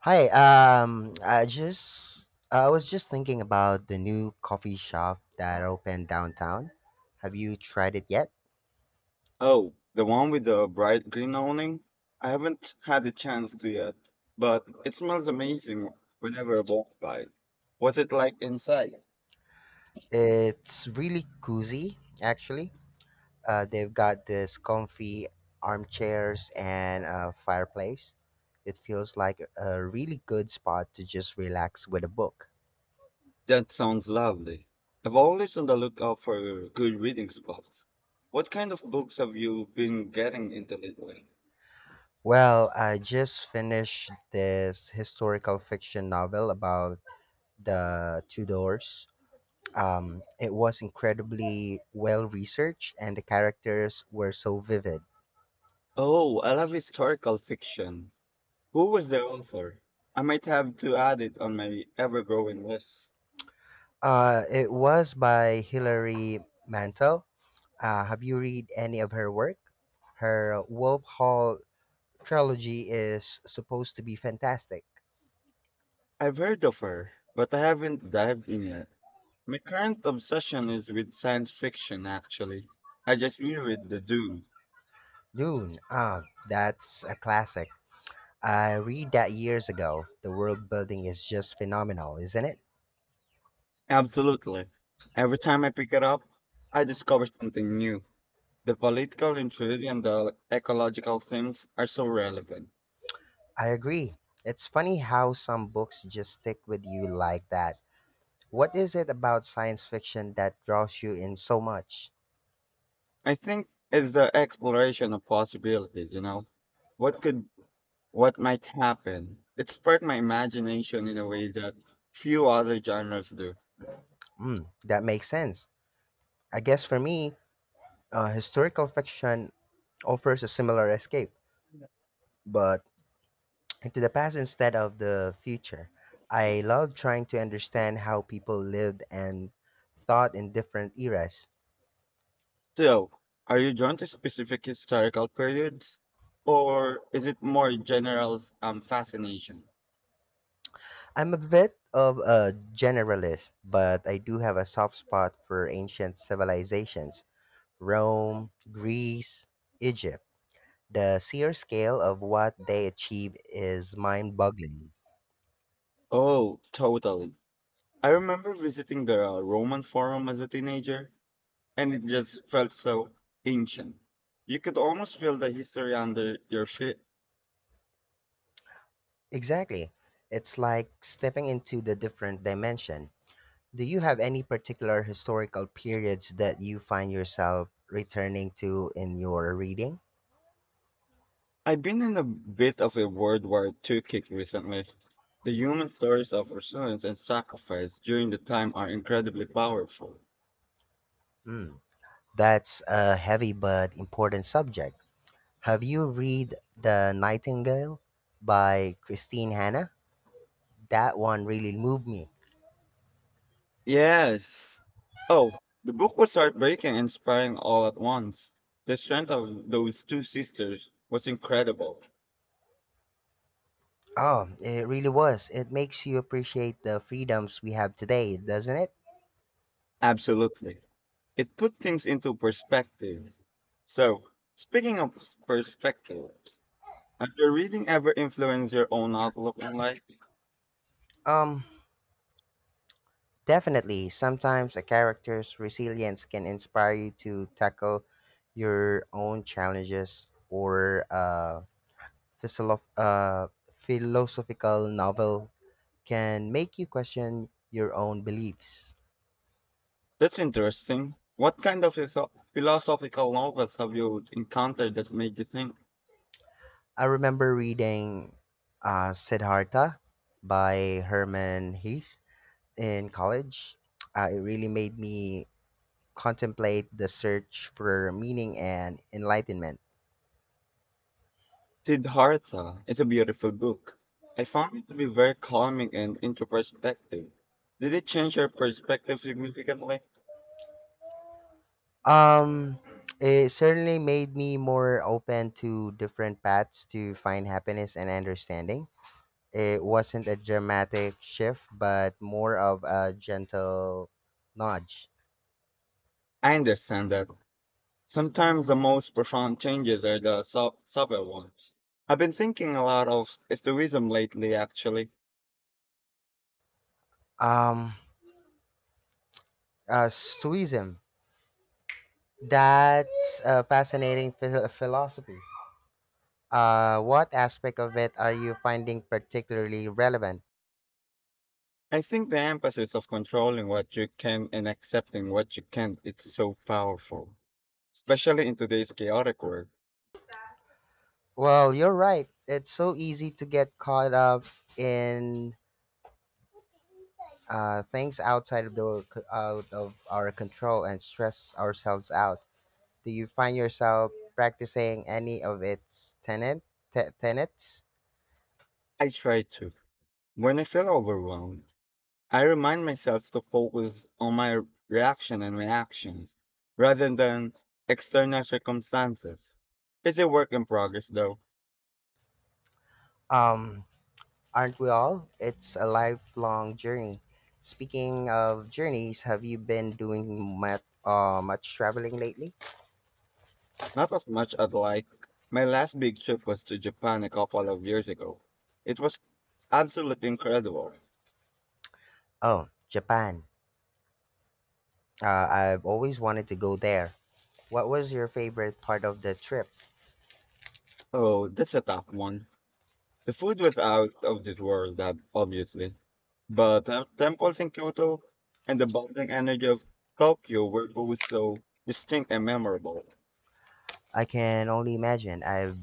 Hi, I just I was just thinking about the new coffee shop that opened downtown. Have you tried it yet? Oh, the one with the bright green awning? I haven't had a chance to yet, but it smells amazing whenever I walk by. What's it like inside? It's really cozy, actually. They've got this comfy armchairs and a fireplace. It feels like a really good spot to just relax with a book. That sounds lovely. I'm always on the lookout for good reading spots. What kind of books have you been getting into lately? Well, I just finished this historical fiction novel about the Tudors. It was incredibly well researched, and the characters were so vivid. Oh, I love historical fiction. Who was the author? I might have to add it on my ever-growing list. It was by Hilary Mantel. Have you read any of her work? Her Wolf Hall trilogy is supposed to be fantastic. I've heard of her, but I haven't dived in yet. My current obsession is with science fiction, actually. I just reread The Dune. Dune, ah, that's a classic. I read that years ago. The world building is just phenomenal, isn't it? Absolutely. Every time I pick it up, I discover something new. The political intrigue and the ecological themes are so relevant. I agree. It's funny how some books just stick with you like that. What is it about science fiction that draws you in so much? I think it's the exploration of possibilities, you know? What could, what might happen? It sparked my imagination in a way that few other genres do. Mm, that makes sense. I guess for me, historical fiction offers a similar escape, but into the past instead of the future. I love trying to understand how people lived and thought in different eras. So, are you drawn to specific historical periods, or is it more general fascination? I'm a bit of a generalist, but I do have a soft spot for ancient civilizations: Rome, Greece, Egypt. The sheer scale of what they achieve is mind boggling. Oh, totally. I remember visiting the Roman Forum as a teenager, and it just felt so ancient. You could almost feel the history under your feet. Exactly. It's like stepping into the different dimension. Do you have any particular historical periods that you find yourself returning to in your reading? I've been in a bit of a World War II kick recently. The human stories of resilience and sacrifice during the time are incredibly powerful. Mm, that's a heavy but important subject. Have you read The Nightingale by Christine Hanna? That one really moved me. Yes. Oh, the book was heartbreaking and inspiring all at once. The strength of those two sisters was incredible. Oh, it really was. It makes you appreciate the freedoms we have today, doesn't it? Absolutely. It put things into perspective. So, speaking of perspective, has your reading ever influenced your own outlook on life? Um, Definitely. Sometimes a character's resilience can inspire you to tackle your own challenges, or a philosophical novel can make you question your own beliefs. That's interesting. What kind of philosophical novels have you encountered that made you think? I remember reading Siddhartha by Herman Hesse in college. It really made me contemplate the search for meaning and enlightenment. Siddhartha is a beautiful book. I found it to be very calming and into perspective. Did it change your perspective significantly? Um, it certainly made me more open to different paths to find happiness and understanding. It wasn't a dramatic shift, but more of a gentle nudge. I understand that sometimes the most profound changes are the subtle ones. I've been thinking a lot of stoicism lately, actually. Um, Stoicism. That's a fascinating philosophy. What aspect of it are you finding particularly relevant? I think the emphasis of controlling what you can and accepting what you can't is so powerful, especially in today's chaotic world. Well, you're right. It's so easy to get caught up in things outside of the out of our control and stress ourselves out. Do you find yourself practicing any of its tenets? I try to. When I feel overwhelmed, I remind myself to focus on my reaction and reactions rather than external circumstances. It's a work in progress though, Um, aren't we all? It's a lifelong journey. Speaking of journeys, have you been doing much traveling lately? not as much as like my last big trip was to Japan a couple of years ago. It was absolutely incredible. Oh, Japan. Uh, I've always wanted to go there. What was your favorite part of the trip? Oh, that's a tough one. The food was out of this world, obviously, but the temples in Kyoto and the bubbling energy of Tokyo were both so distinct and memorable. I can only imagine. I've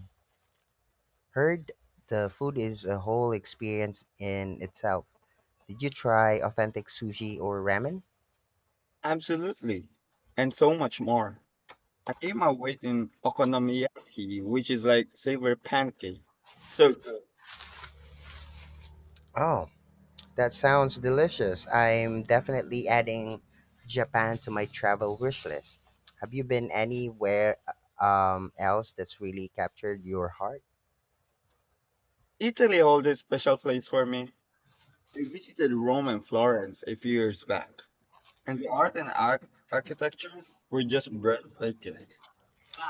heard the food is a whole experience in itself. Did you try authentic sushi or ramen? Absolutely. And so much more. I gave my weight in okonomiyaki, which is like savory pancake. So good. Oh, that sounds delicious. I'm definitely adding Japan to my travel wish list. Have you been anywhere else that's really captured your heart? Italy holds a special place for me. I visited Rome and Florence a few years back, and the art and architecture were just breathtaking.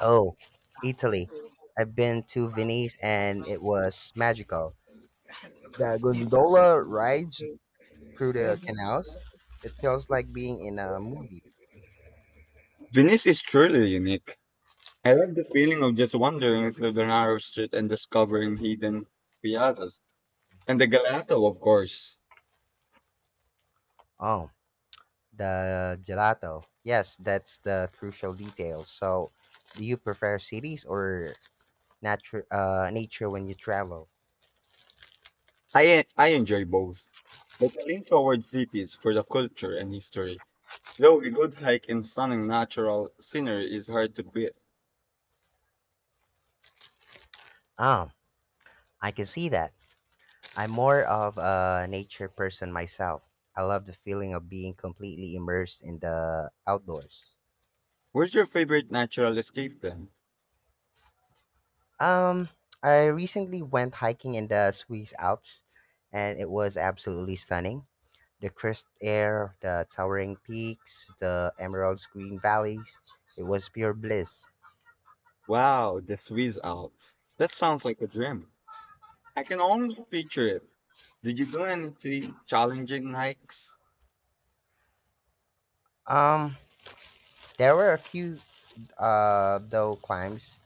Oh, Italy. I've been to Venice and it was magical. The gondola rides through the canals. It feels like being in a movie. Venice is truly unique. I love the feeling of just wandering through the narrow street and discovering hidden piazzas. And the gelato, of course. Oh, the gelato. Yes, that's the crucial detail. So, do you prefer cities or nature when you travel? I enjoy both. But I lean towards cities for the culture and history. Though a good hike in stunning natural scenery is hard to beat. Oh, I can see that. I'm more of a nature person myself. I love the feeling of being completely immersed in the outdoors. Where's your favorite natural escape then? Um, I recently went hiking in the Swiss Alps and it was absolutely stunning. The crisp air, the towering peaks, the emerald green valleys. It was pure bliss. Wow, the Swiss Alps. That sounds like a dream. I can almost picture it. Did you do any challenging hikes? Um, there were a few though climbs,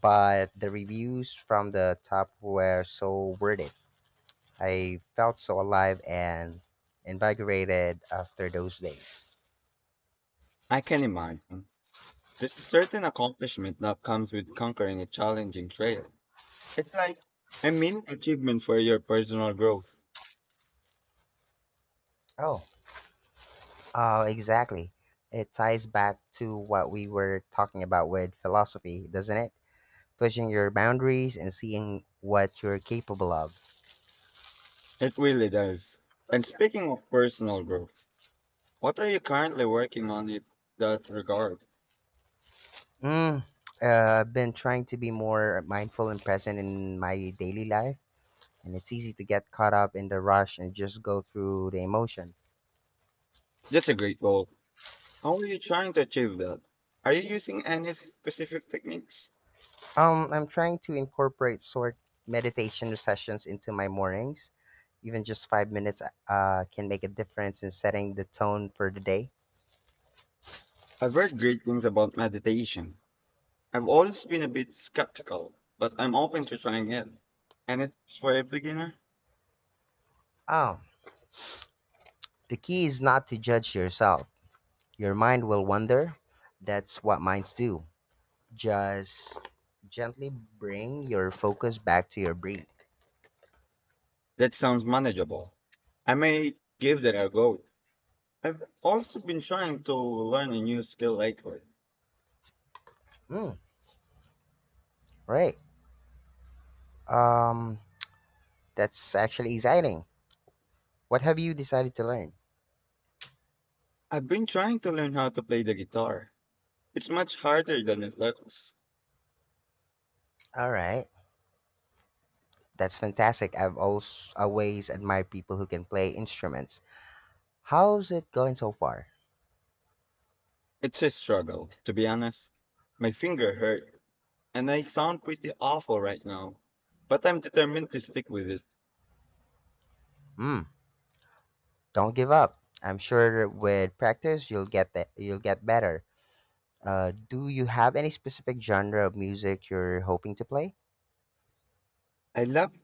but the reviews from the top were so worth it. I felt so alive and invigorated after those days. I can imagine. There's a certain accomplishment that comes with conquering a challenging trail. It's like a mini achievement for your personal growth. Oh, exactly. It ties back to what we were talking about with philosophy, doesn't it? Pushing your boundaries and seeing what you're capable of. It really does. And speaking of personal growth, what are you currently working on in that regard? Mm, uh, I've been trying to be more mindful and present in my daily life, and it's easy to get caught up in the rush and just go through the emotion. That's a great goal. How are you trying to achieve that? Are you using any specific techniques? I'm trying to incorporate short meditation sessions into my mornings. Even just 5 minutes can make a difference in setting the tone for the day. I've heard great things about meditation. I've always been a bit skeptical, but I'm open to trying it. And it's for a beginner? Oh, the key is not to judge yourself. Your mind will wander. That's what minds do. Just gently bring your focus back to your breath. That sounds manageable. I may give that a go. I've also been trying to learn a new skill lately. Mm. Right. Um, that's actually exciting. What have you decided to learn? I've been trying to learn how to play the guitar. It's much harder than it looks. All right. That's fantastic. I've always admired people who can play instruments. How's it going so far? It's a struggle, to be honest. My finger hurt, and I sound pretty awful right now. But I'm determined to stick with it. Hmm. Don't give up. I'm sure with practice you'll get better. Do you have any specific genre of music you're hoping to play? I love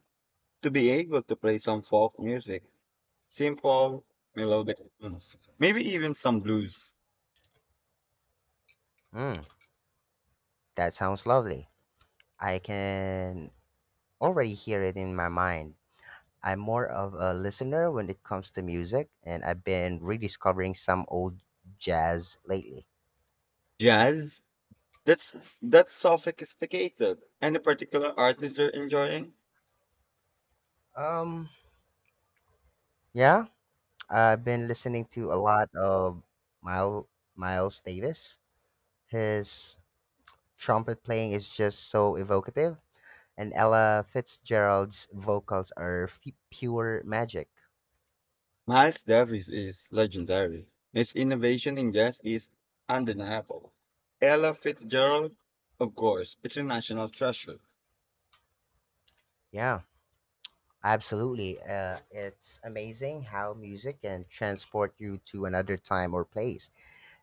to be able to play some folk music, simple, melodic tunes, maybe even some blues, Hmm. That sounds lovely. I can already hear it in my mind. I'm more of a listener when it comes to music, and I've been rediscovering some old jazz lately. jazz. That's that's sophisticated. Any particular artist you're enjoying? Um, yeah, I've been listening to a lot of Miles Miles Davis. His trumpet playing is just so evocative, and Ella Fitzgerald's vocals are pure magic. Miles Davis is legendary. His innovation in jazz is undeniable. Ella Fitzgerald, of course, it's a national treasure. Yeah, absolutely. It's amazing how music can transport you to another time or place.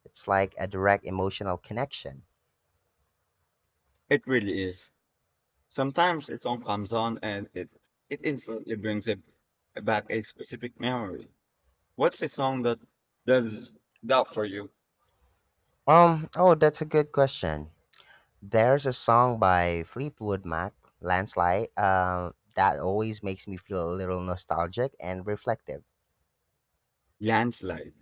It's like a direct emotional connection. It really is. Sometimes a song comes on and it instantly brings it back a specific memory. What's a song that does that for you? Oh, that's a good question. There's a song by Fleetwood Mac, Landslide, that always makes me feel a little nostalgic and reflective. Landslide.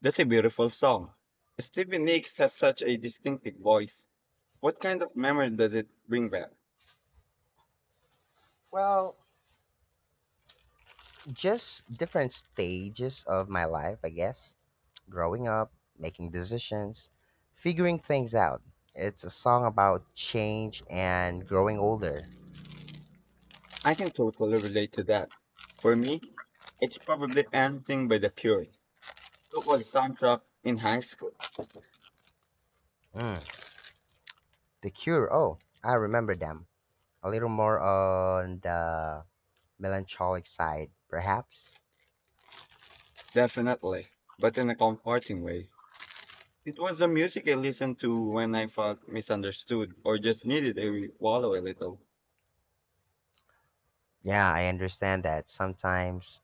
That's a beautiful song. Stevie Nicks has such a distinctive voice. What kind of memory does it bring back? Well, just different stages of my life, I guess. Growing up, making decisions, figuring things out. It's a song about change and growing older. I can totally relate to that. For me, it's probably anything by the Cure. It was a soundtrack in high school, Mm. The Cure, oh, I remember them. A little more on the melancholic side, perhaps. definitely, but in a comforting way. It was the music I listened to when I felt misunderstood or just needed a wallow a little. Yeah, I understand that sometimes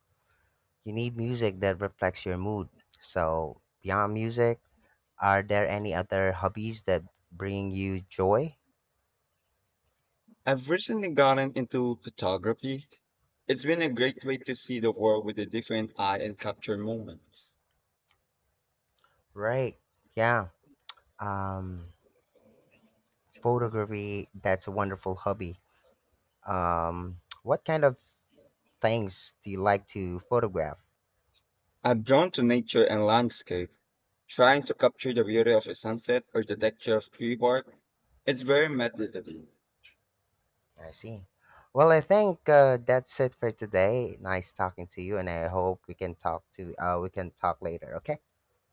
you need music that reflects your mood. So, beyond music, are there any other hobbies that bring you joy? I've recently gotten into photography. It's been a great way to see the world with a different eye and capture moments. Right. Yeah. Um, Photography, that's a wonderful hobby. What kind of things do you like to photograph? I'm drawn to nature and landscape trying to capture the beauty of a sunset or the texture of tree bark, it's very meditative. I see. Well, I think that's it for today. Nice talking to you, and I hope we can talk later. Okay.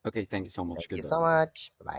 Okay, thank you so much. Thank you Goodbye. so much. Bye.